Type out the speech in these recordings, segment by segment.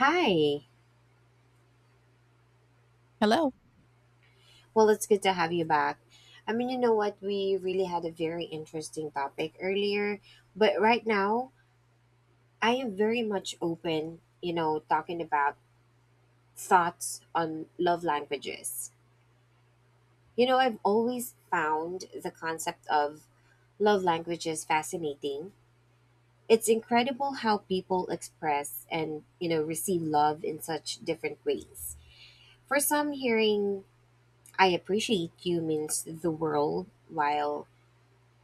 Hi. Hello. Well, it's good to have you back. You know what? We really had a very interesting topic earlier, but right now, I am very much open, talking about thoughts on love languages. You know, I've always found the concept of love languages fascinating. It's incredible how people express and, receive love in such different ways. For some, hearing I appreciate you means the world, while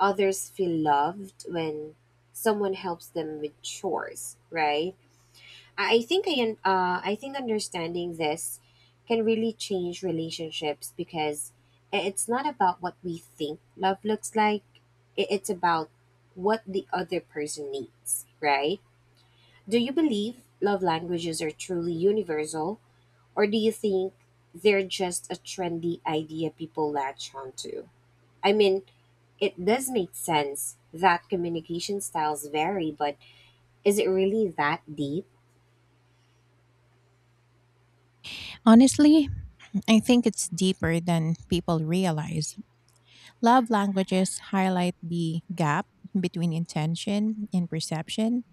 others feel loved when someone helps them with chores, right. I think understanding this can really change relationships because it's not about what we think love looks like. It's about what the other person needs, right. Do you believe love languages are truly universal, or do you think they're just a trendy idea people latch onto? I mean, it does make sense that communication styles vary, but is it really that deep? Honestly, I think it's deeper than people realize. Love languages highlight the gap between intention and perception.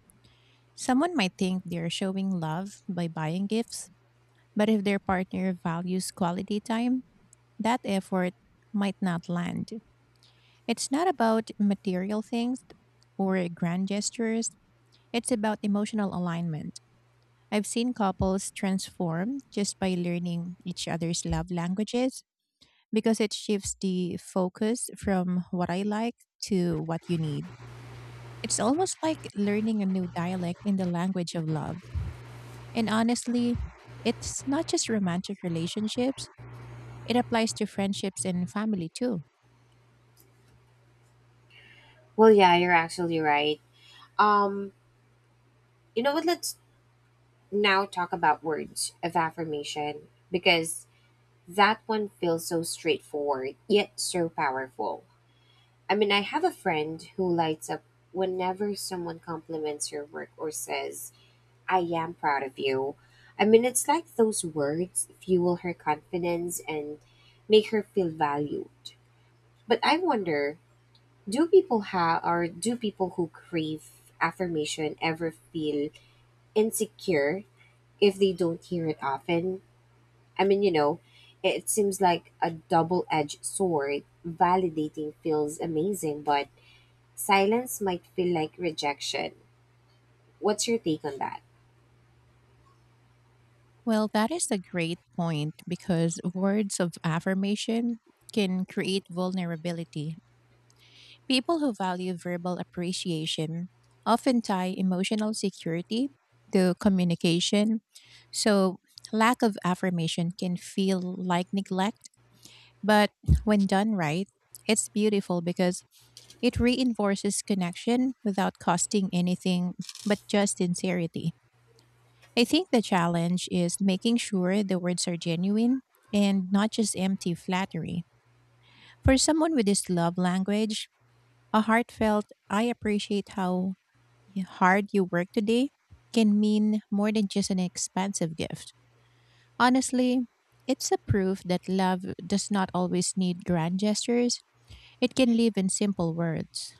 Someone might think they're showing love by buying gifts, but if their partner values quality time, that effort might not land. It's not about material things or grand gestures, it's about emotional alignment. I've seen couples transform just by learning each other's love languages because it shifts the focus from what I like to what you need. It's almost like learning a new dialect in the language of love. And honestly, it's not just romantic relationships, it applies to friendships and family too. Well, yeah, you're actually right. Um, you know what? Let's now talk about words of affirmation because that one feels so straightforward yet so powerful. I mean, I have a friend who lights up whenever someone compliments her work or says, I am proud of you. I mean, it's like those words fuel her confidence and make her feel valued. But I wonder, do people who crave affirmation ever feel insecure if they don't hear it often? I mean, you know, it seems like a double-edged sword. Validating feels amazing, but silence might feel like rejection. What's your take on that? Well, that is a great point because words of affirmation can create vulnerability. People who value verbal appreciation often tie emotional security to communication, so lack of affirmation can feel like neglect. But when done right, it's beautiful because it reinforces connection without costing anything but just sincerity. I think the challenge is making sure the words are genuine and not just empty flattery. For someone with this love language, a heartfelt, I appreciate how hard you work today can mean more than just an expensive gift. Honestly, it's a proof that love does not always need grand gestures. It can live in simple words.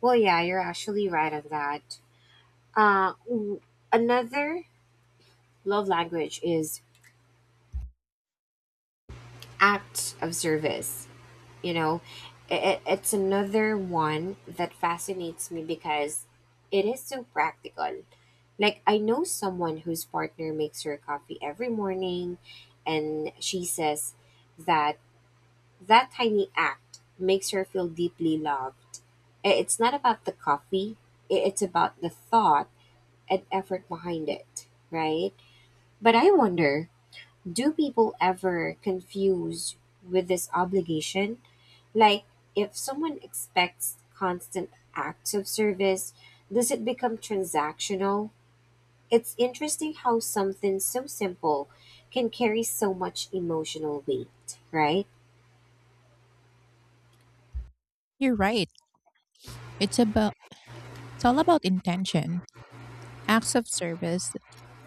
Well, yeah, you're actually right on that. Uh, w- Another love language is acts of service. You know, it's another one that fascinates me because it is so practical. Like, I know someone whose partner makes her coffee every morning, and she says that that tiny act makes her feel deeply loved. It's not about the coffee. It's about the thought and effort behind it, right. But I wonder, do people ever confuse with this obligation? Like, if someone expects constant acts of service, does it become transactional? It's interesting how something so simple can carry so much emotional weight, right? You're right. It's about it's all about intention. Acts of service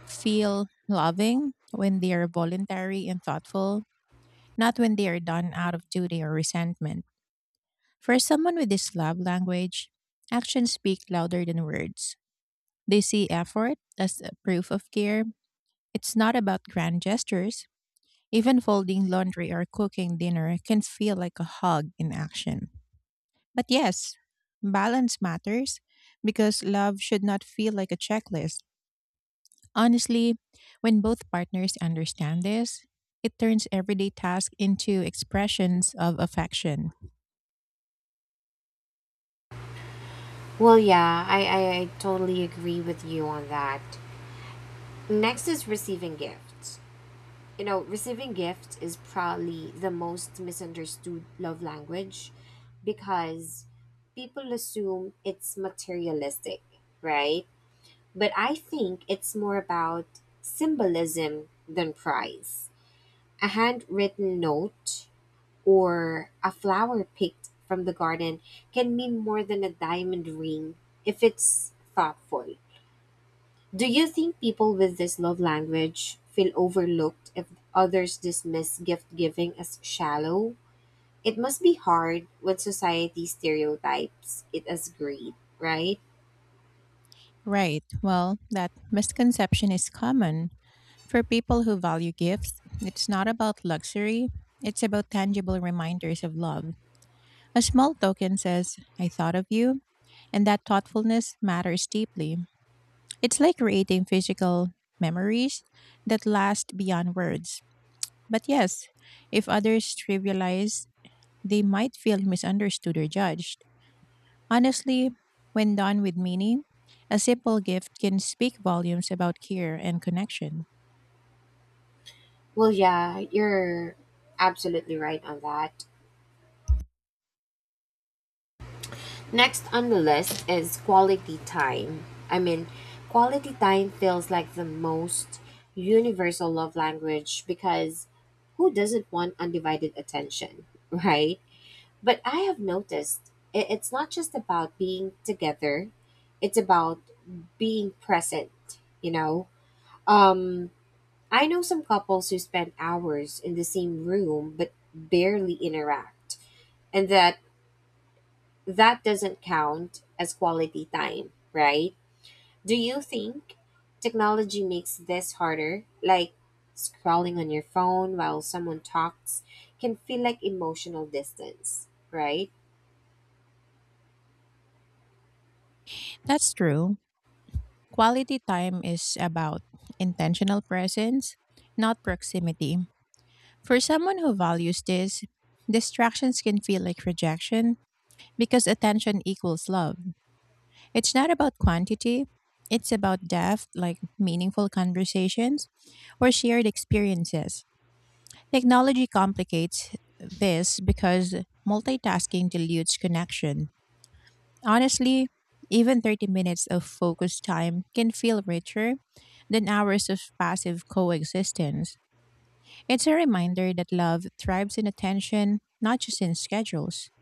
feel loving when they are voluntary and thoughtful, not when they are done out of duty or resentment. For someone with this love language, actions speak louder than words. They see effort as a proof of care. It's not about grand gestures. Even folding laundry or cooking dinner can feel like a hug in action. But yes, balance matters because love should not feel like a checklist. Honestly, when both partners understand this, it turns everyday tasks into expressions of affection. Well, yeah, I totally agree with you on that. Next is receiving gifts. You know, receiving gifts is probably the most misunderstood love language because people assume it's materialistic, right? But I think it's more about symbolism than price. A handwritten note or a flower picked from the garden can mean more than a diamond ring if it's thoughtful. Do you think people with this love language feel overlooked if others dismiss gift giving as shallow? It must be hard when society stereotypes it as greed, right? Right. Well, that misconception is common. For people who value gifts, it's not about luxury, it's about tangible reminders of love. A small token says, I thought of you, and that thoughtfulness matters deeply. It's like creating physical memories that last beyond words. But yes, if others trivialize, they might feel misunderstood or judged. Honestly, when done with meaning, a simple gift can speak volumes about care and connection. Well, yeah, you're absolutely right on that. Next on the list is quality time. I mean, quality time feels like the most universal love language because who doesn't want undivided attention, right? But I have noticed, it's not just about being together, it's about being present, you know? Um, I know some couples who spend hours in the same room but barely interact, and that doesn't count as quality time, right? Do you think technology makes this harder? Like, scrolling on your phone while someone talks can feel like emotional distance, right? That's true. Quality time is about intentional presence, not proximity. For someone who values this, distractions can feel like rejection because attention equals love. It's not about quantity, it's about depth, like meaningful conversations or shared experiences. Technology complicates this because multitasking dilutes connection. Honestly, even 30 minutes of focused time can feel richer than hours of passive coexistence. It's a reminder that love thrives in attention, not just in schedules.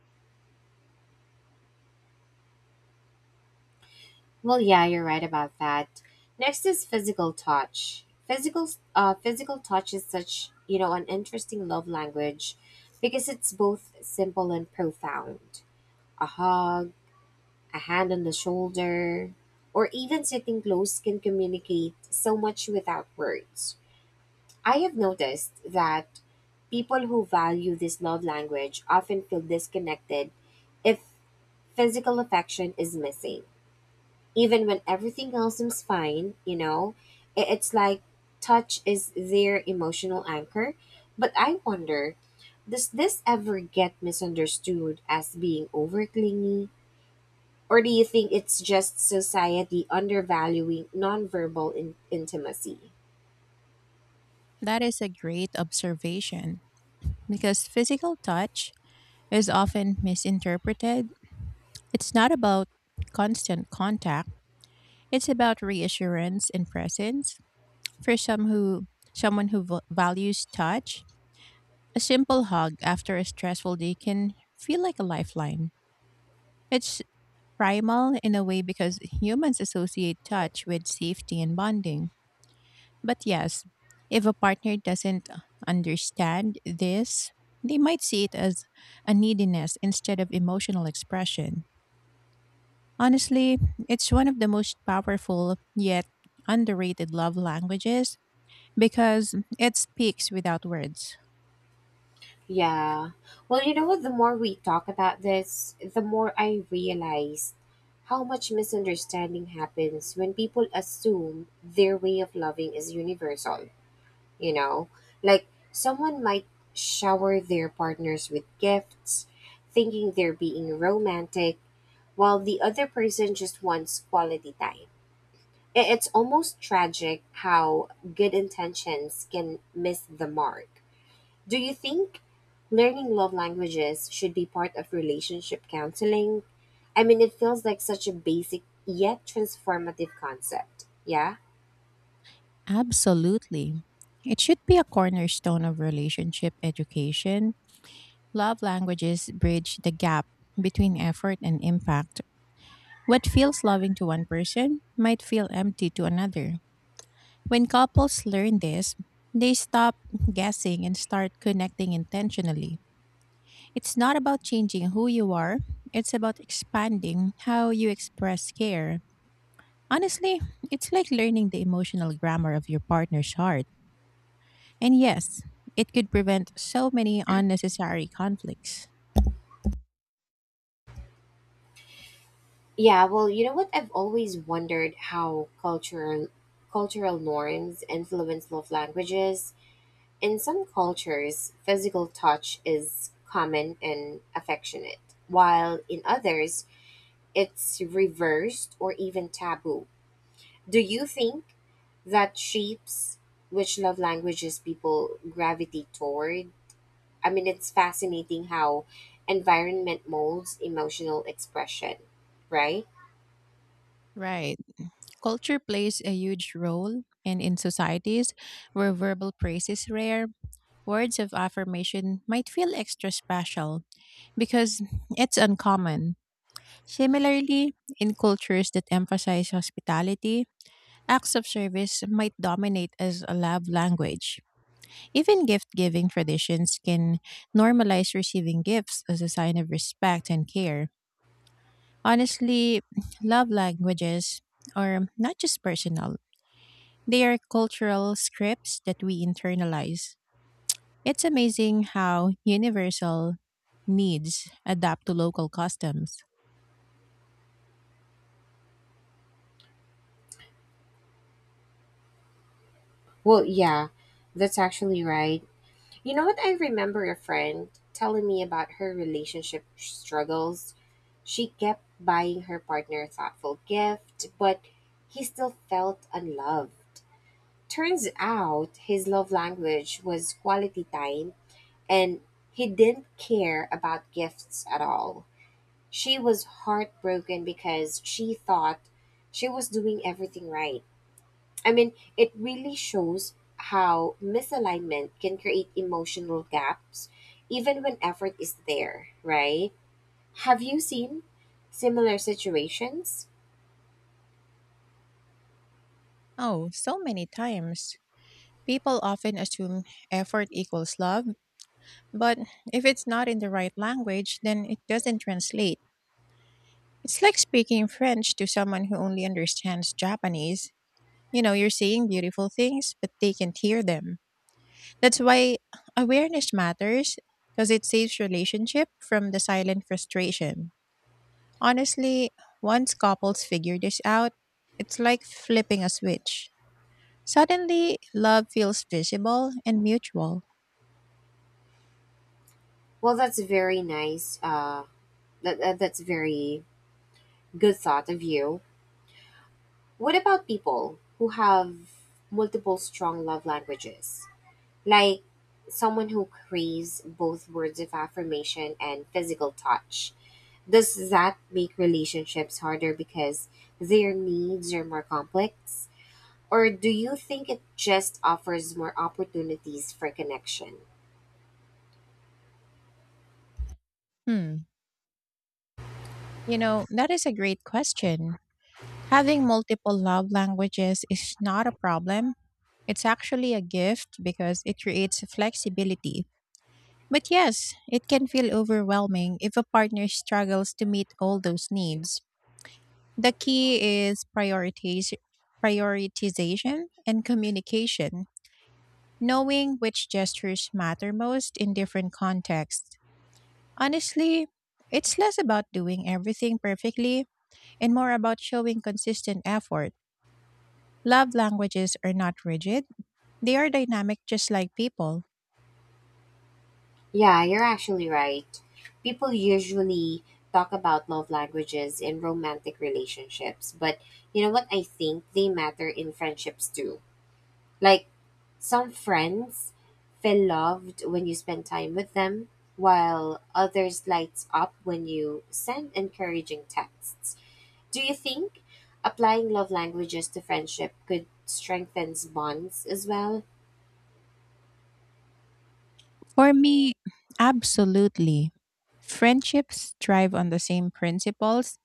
Well, yeah, you're right about that. Next is physical touch. Physical touch is such, you know, an interesting love language because it's both simple and profound. A hug, a hand on the shoulder, or even sitting close can communicate so much without words. I have noticed that people who value this love language often feel disconnected if physical affection is missing even when everything else seems fine. You know, it's like touch is their emotional anchor. But I wonder, does this ever get misunderstood as being over clingy? Or do you think it's just society undervaluing nonverbal intimacy? That is a great observation because physical touch is often misinterpreted. It's not about constant contact, it's about reassurance and presence. For someone who values touch, a simple hug after a stressful day can feel like a lifeline. It's primal in a way because humans associate touch with safety and bonding. But yes, if a partner doesn't understand this, they might see it as a neediness instead of emotional expression. Honestly, it's one of the most powerful yet underrated love languages because it speaks without words. Yeah. Well, you know what? The more we talk about this, the more I realize how much misunderstanding happens when people assume their way of loving is universal. You know, like, someone might shower their partners with gifts thinking they're being romantic, while the other person just wants quality time. It's almost tragic how good intentions can miss the mark. Do you think learning love languages should be part of relationship counseling? I mean, it feels like such a basic yet transformative concept, yeah. Absolutely. It should be a cornerstone of relationship education. Love languages bridge the gap between effort and impact. What feels loving to one person might feel empty to another. When couples learn this, they stop guessing and start connecting intentionally. It's not about changing who you are, it's about expanding how you express care. Honestly, it's like learning the emotional grammar of your partner's heart. And yes, it could prevent so many unnecessary conflicts. Yeah, well, you know what? I've always wondered how cultural norms influence love languages. In some cultures, physical touch is common and affectionate, while in others, it's reversed or even taboo. Do you think that shapes which love languages people gravitate toward? I mean, it's fascinating how environment molds emotional expression, right? Right. Culture plays a huge role, and in societies where verbal praise is rare, words of affirmation might feel extra special because it's uncommon. Similarly, in cultures that emphasize hospitality, acts of service might dominate as a love language. Even gift giving traditions can normalize receiving gifts as a sign of respect and care. Honestly, love languages are not just personal, they are cultural scripts that we internalize. It's amazing how universal needs adapt to local customs. Well, yeah, that's actually right. You know what? I remember a friend telling me about her relationship struggles. She kept buying her partner a thoughtful gift, but he still felt unloved. Turns out his love language was quality time, and he didn't care about gifts at all. She was heartbroken because she thought she was doing everything right. I mean, it really shows how misalignment can create emotional gaps even when effort is there, right? Have you seen similar situations? Oh, so many times. People often assume effort equals love, but if it's not in the right language, then it doesn't translate. It's like speaking French to someone who only understands Japanese. You know, you're saying beautiful things, but they can't hear them. That's why awareness matters because it saves relationship from the silent frustration. Honestly, once couples figure this out, it's like flipping a switch. Suddenly, love feels visible and mutual. Well, that's very nice. That's very good thought of you. What about people who have multiple strong love languages? Like, someone who craves both words of affirmation and physical touch. Does that make relationships harder because their needs are more complex? Or do you think it just offers more opportunities for connection? Hmm. You know, that is a great question. Having multiple love languages is not a problem. It's actually a gift because it creates flexibility. But yes, it can feel overwhelming if a partner struggles to meet all those needs. The key is prioritization and communication, knowing which gestures matter most in different contexts. Honestly, it's less about doing everything perfectly and more about showing consistent effort. Love languages are not rigid, they are dynamic just like people. Yeah, you're actually right. People usually talk about love languages in romantic relationships, but you know what? I think they matter in friendships too. Like, some friends feel loved when you spend time with them, while others lights up when you send encouraging texts. Do you think applying love languages to friendship could strengthen bonds as well? For me, absolutely. Friendships thrive on the same principles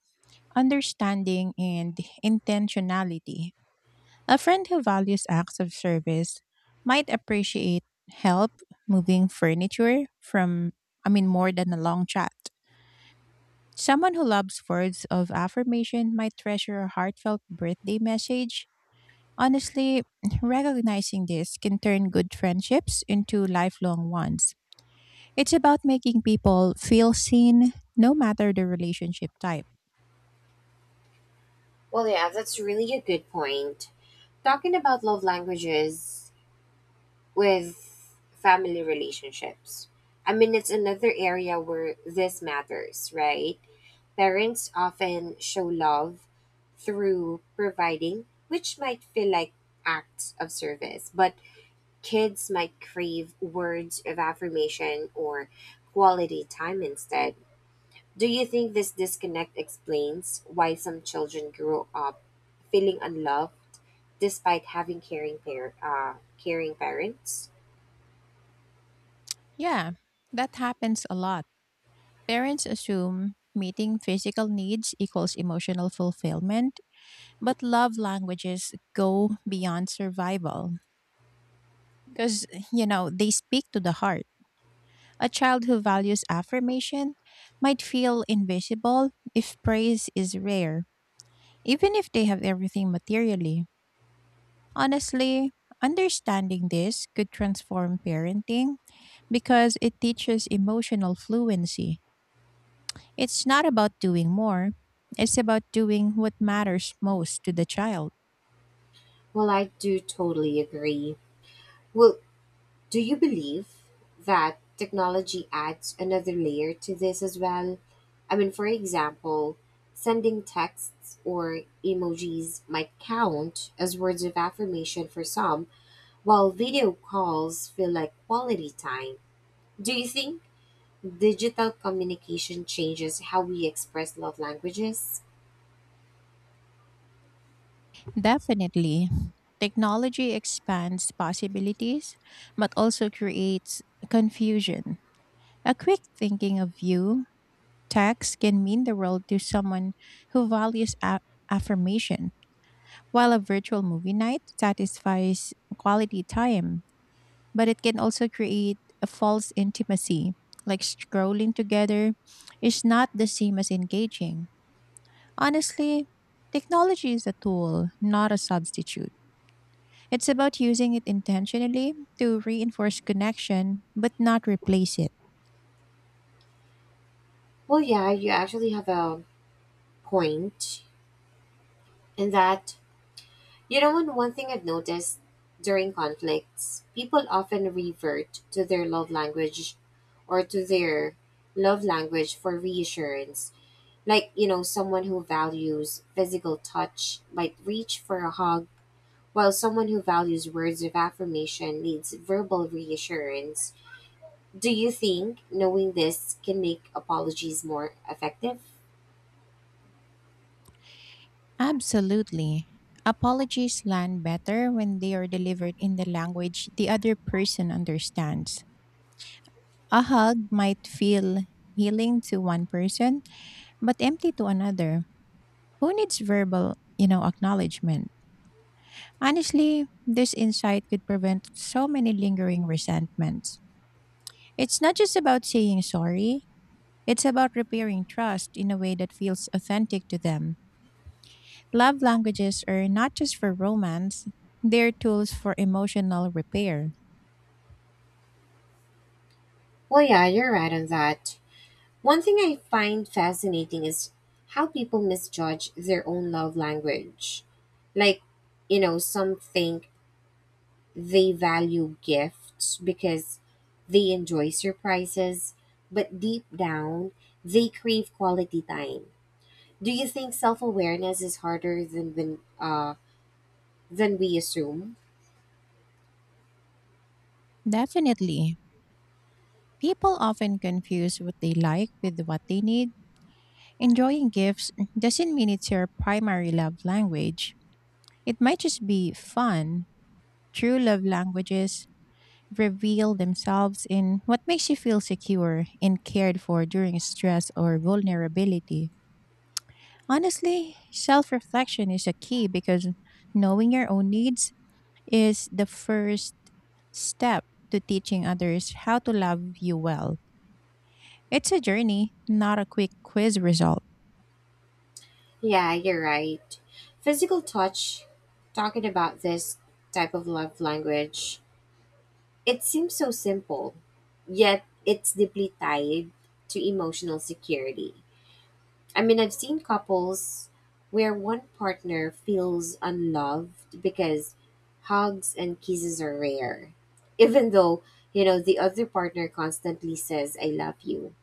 understanding and intentionality. A friend who values acts of service might appreciate help moving furniture from, I mean, more than a long chat. Someone who loves words of affirmation might treasure a heartfelt birthday message. Honestly, recognizing this can turn good friendships into lifelong ones. It's about making people feel seen no matter the relationship type. Well, yeah, that's really a good point. Talking about love languages with family relationships. I mean, it's another area where this matters, right? Parents often show love through providing, which might feel like acts of service, but kids might crave words of affirmation or quality time instead. Do you think this disconnect explains why some children grow up feeling unloved despite having caring parents? Yeah, that happens a lot. Parents assume meeting physical needs equals emotional fulfillment, but love languages go beyond survival because, you know, they speak to the heart. A child who values affirmation might feel invisible if praise is rare, even if they have everything materially. Honestly, understanding this could transform parenting because it teaches emotional fluency. It's not about doing more. It's about doing what matters most to the child. Well, I do totally agree. Well, do you believe that technology adds another layer to this as well? I mean, for example, sending texts or emojis might count as words of affirmation for some, while video calls feel like quality time. Do you think digital communication changes how we express love languages? Definitely, technology expands possibilities, but also creates confusion. A quick thinking of you, text can mean the world to someone who values affirmation, while a virtual movie night satisfies quality time, but it can also create a false intimacy, like scrolling together is not the same as engaging. Honestly, technology is a tool, not a substitute. It's about using it intentionally to reinforce connection, but not replace it. Well, yeah, you actually have a point in that. You know, and one thing I've noticed, during conflicts, people often revert to their love language or to their love language for reassurance. Like, you know, someone who values physical touch might reach for a hug, while someone who values words of affirmation needs verbal reassurance. Do you think knowing this can make apologies more effective? Absolutely. Apologies land better when they are delivered in the language the other person understands. A hug might feel healing to one person, but empty to another. Who needs verbal, you know, acknowledgement? Honestly, this insight could prevent so many lingering resentments. It's not just about saying sorry, it's about repairing trust in a way that feels authentic to them. Love languages are not just for romance, they're tools for emotional repair. Well, yeah, you're right on that. One thing I find fascinating is how people misjudge their own love language. Like, you know, some think they value gifts because they enjoy surprises, but deep down, they crave quality time. Do you think self awareness is harder than we assume? Definitely. People often confuse what they like with what they need. Enjoying gifts doesn't mean it's your primary love language. It might just be fun. True love languages reveal themselves in what makes you feel secure and cared for during stress or vulnerability. Honestly, self reflection is a key because knowing your own needs is the first step to teaching others how to love you well. It's a journey, not a quick quiz result. Yeah, you're right. Physical touch, talking about this type of love language, it seems so simple, yet it's deeply tied to emotional security. I mean, I've seen couples where one partner feels unloved because hugs and kisses are rare, even though, you know, the other partner constantly says, I love you.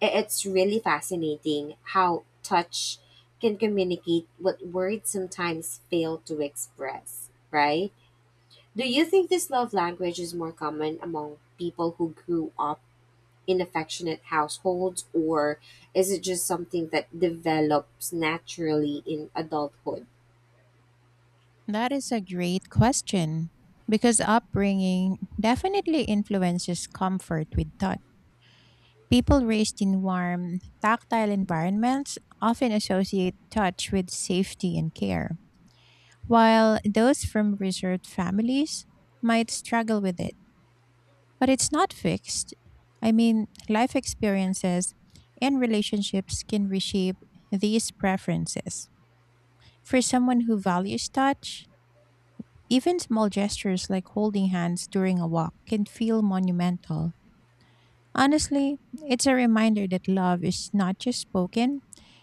It's really fascinating how touch can communicate what words sometimes fail to express, right? Do you think this love language is more common among people who grew up in affectionate households, or is it just something that develops naturally in adulthood? That is a great question because upbringing definitely influences comfort with touch. People raised in warm, tactile environments often associate touch with safety and care, while those from reserved families might struggle with it. But it's not fixed. I mean, life experiences and relationships can reshape these preferences. For someone who values touch, even small gestures like holding hands during a walk can feel monumental. Honestly, it's a reminder that love is not just spoken,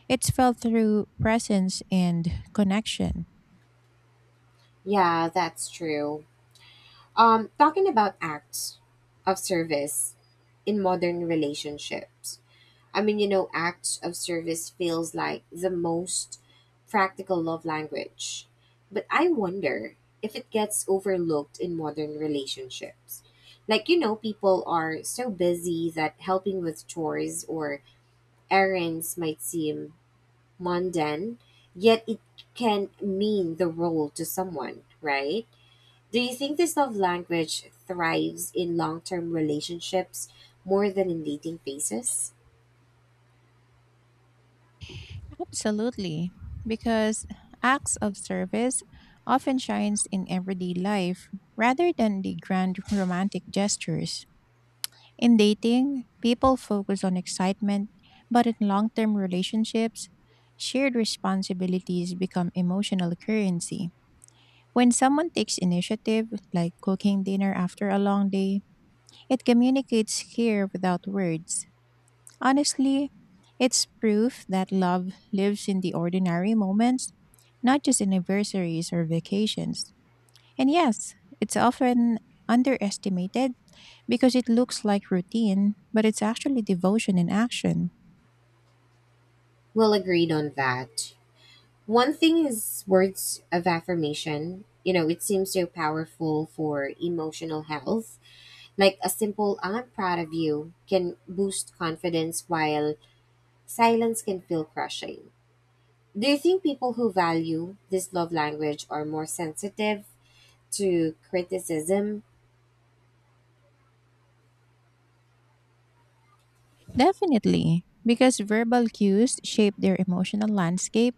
it's felt through presence and connection. Yeah, that's true. Talking about acts of service in modern relationships. I mean, you know, acts of service feels like the most practical love language. But I wonder if it gets overlooked in modern relationships. Like, you know, people are so busy that helping with chores or errands might seem mundane, yet it can mean the role to someone, right? Do you think this love language thrives in long term relationships more than in dating phases? Absolutely, because acts of service often shines in everyday life rather than the grand romantic gestures. In dating, people focus on excitement, but in long-term relationships, shared responsibilities become emotional currency. When someone takes initiative, like cooking dinner after a long day, it communicates care without words. Honestly, it's proof that love lives in the ordinary moments, not just anniversaries or vacations. And yes, it's often underestimated because it looks like routine, but it's actually devotion in action. Well, agreed on that. One thing is words of affirmation. You know, it seems so powerful for emotional health. Like, a simple I'm proud of you can boost confidence while silence can feel crushing. Do you think people who value this love language are more sensitive to criticism? Definitely, because verbal cues shape their emotional landscape,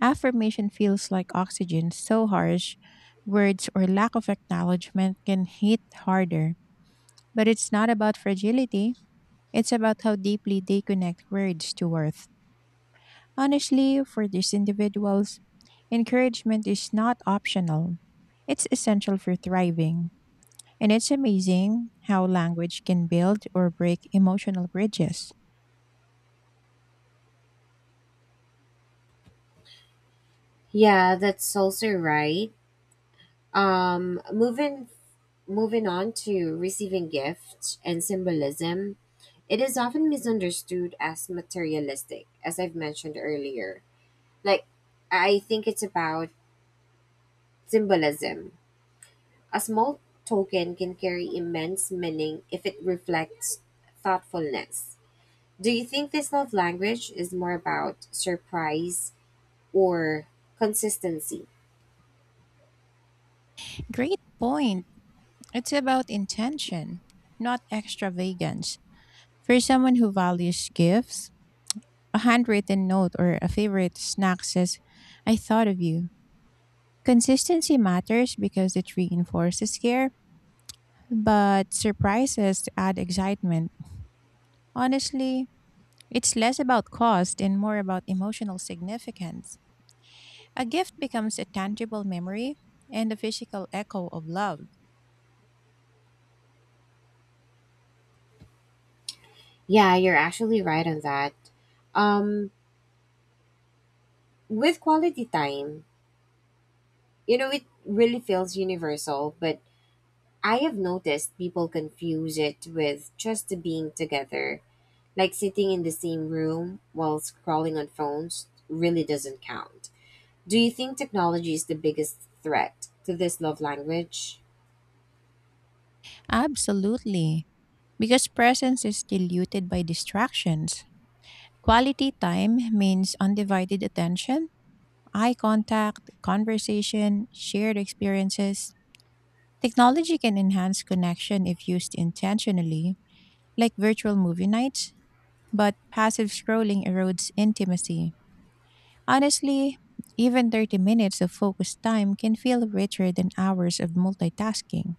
affirmation feels like oxygen so harsh, words or lack of acknowledgement can hit harder. But it's not about fragility, it's about how deeply they connect words to worth. Honestly, for these individuals, encouragement is not optional, it's essential for thriving. And it's amazing how language can build or break emotional bridges. Yeah, that's also right. Um moving Moving on to receiving gifts and symbolism. It is often misunderstood as materialistic, as I've mentioned earlier. Like, I think it's about symbolism. A small token can carry immense meaning if it reflects thoughtfulness. Do you think this love language is more about surprise or consistency? Great point. It's about intention, not extravagance. For someone who values gifts, a handwritten note or a favorite snack says, I thought of you. Consistency matters because it reinforces care, but surprises to add excitement. Honestly, it's less about cost and more about emotional significance. A gift becomes a tangible memory and a physical echo of love. Yeah, you're actually right on that. Um, with quality time, you know, it really feels universal, but I have noticed people confuse it with just being together. Like, sitting in the same room while scrolling on phones really doesn't count. Do you think technology is the biggest threat to this love language? Absolutely, because presence is diluted by distractions. Quality time means undivided attention, eye contact, conversation, shared experiences. Technology can enhance connection if used intentionally, like virtual movie nights, but passive scrolling erodes intimacy. Honestly, even 30 minutes of focused time can feel richer than hours of multitasking.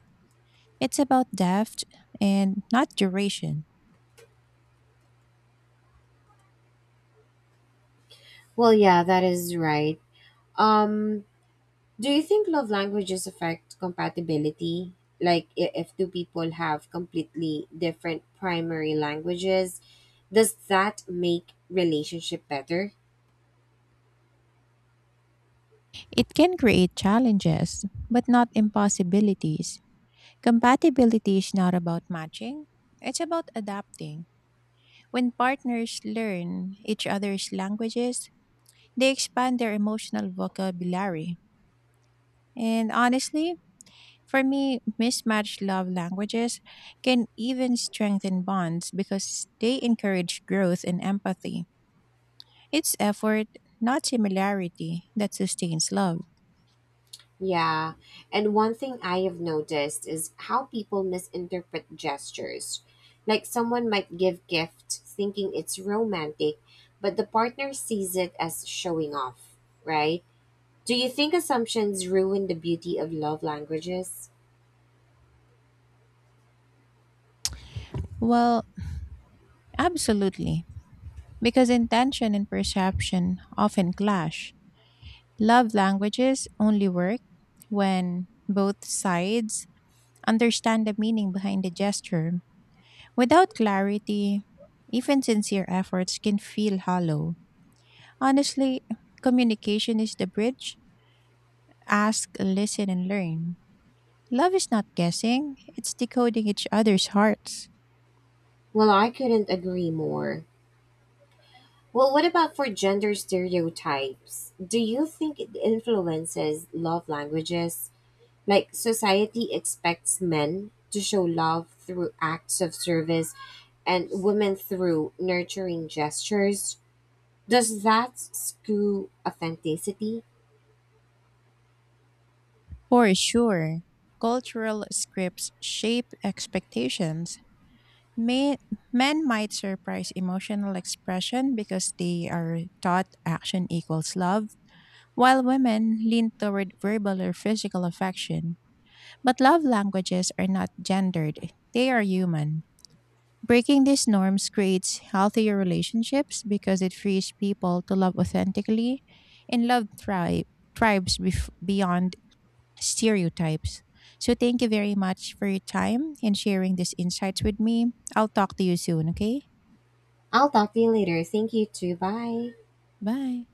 It's about depth and not duration. Well, yeah, that is right. Um, do you think love languages affect compatibility? Like, if two people have completely different primary languages, does that make relationship better? It can create challenges, but not impossibilities. Compatibility is not about matching, it's about adapting. When partners learn each other's languages, they expand their emotional vocabulary. And honestly, for me, mismatched love languages can even strengthen bonds because they encourage growth and empathy. It's effort, not similarity, that sustains love. Yeah. And one thing I have noticed is how people misinterpret gestures. Like, someone might give gift thinking it's romantic, but the partner sees it as showing off, right? Do you think assumptions ruin the beauty of love languages? Well, absolutely, because intention and perception often clash. Love languages only work when both sides understand the meaning behind the gesture. Without clarity, even sincere efforts can feel hollow. Honestly, communication is the bridge. Ask, listen, and learn. Love is not guessing, it's decoding each other's hearts. Well, I couldn't agree more. Well, what about for gender stereotypes? Do you think it influences love languages? Like, society expects men to show love through acts of service and women through nurturing gestures. Does that screw authenticity? For sure, cultural scripts shape expectations. May, Men might surprise emotional expression because they are taught action equals love, while women lean toward verbal or physical affection. But love languages are not gendered, they are human. Breaking these norms creates healthier relationships because it frees people to love authentically and thrives beyond stereotypes. So, thank you very much for your time and sharing these insights with me. I'll talk to you soon, okay? I'll talk to you later. Thank you too. Bye. Bye.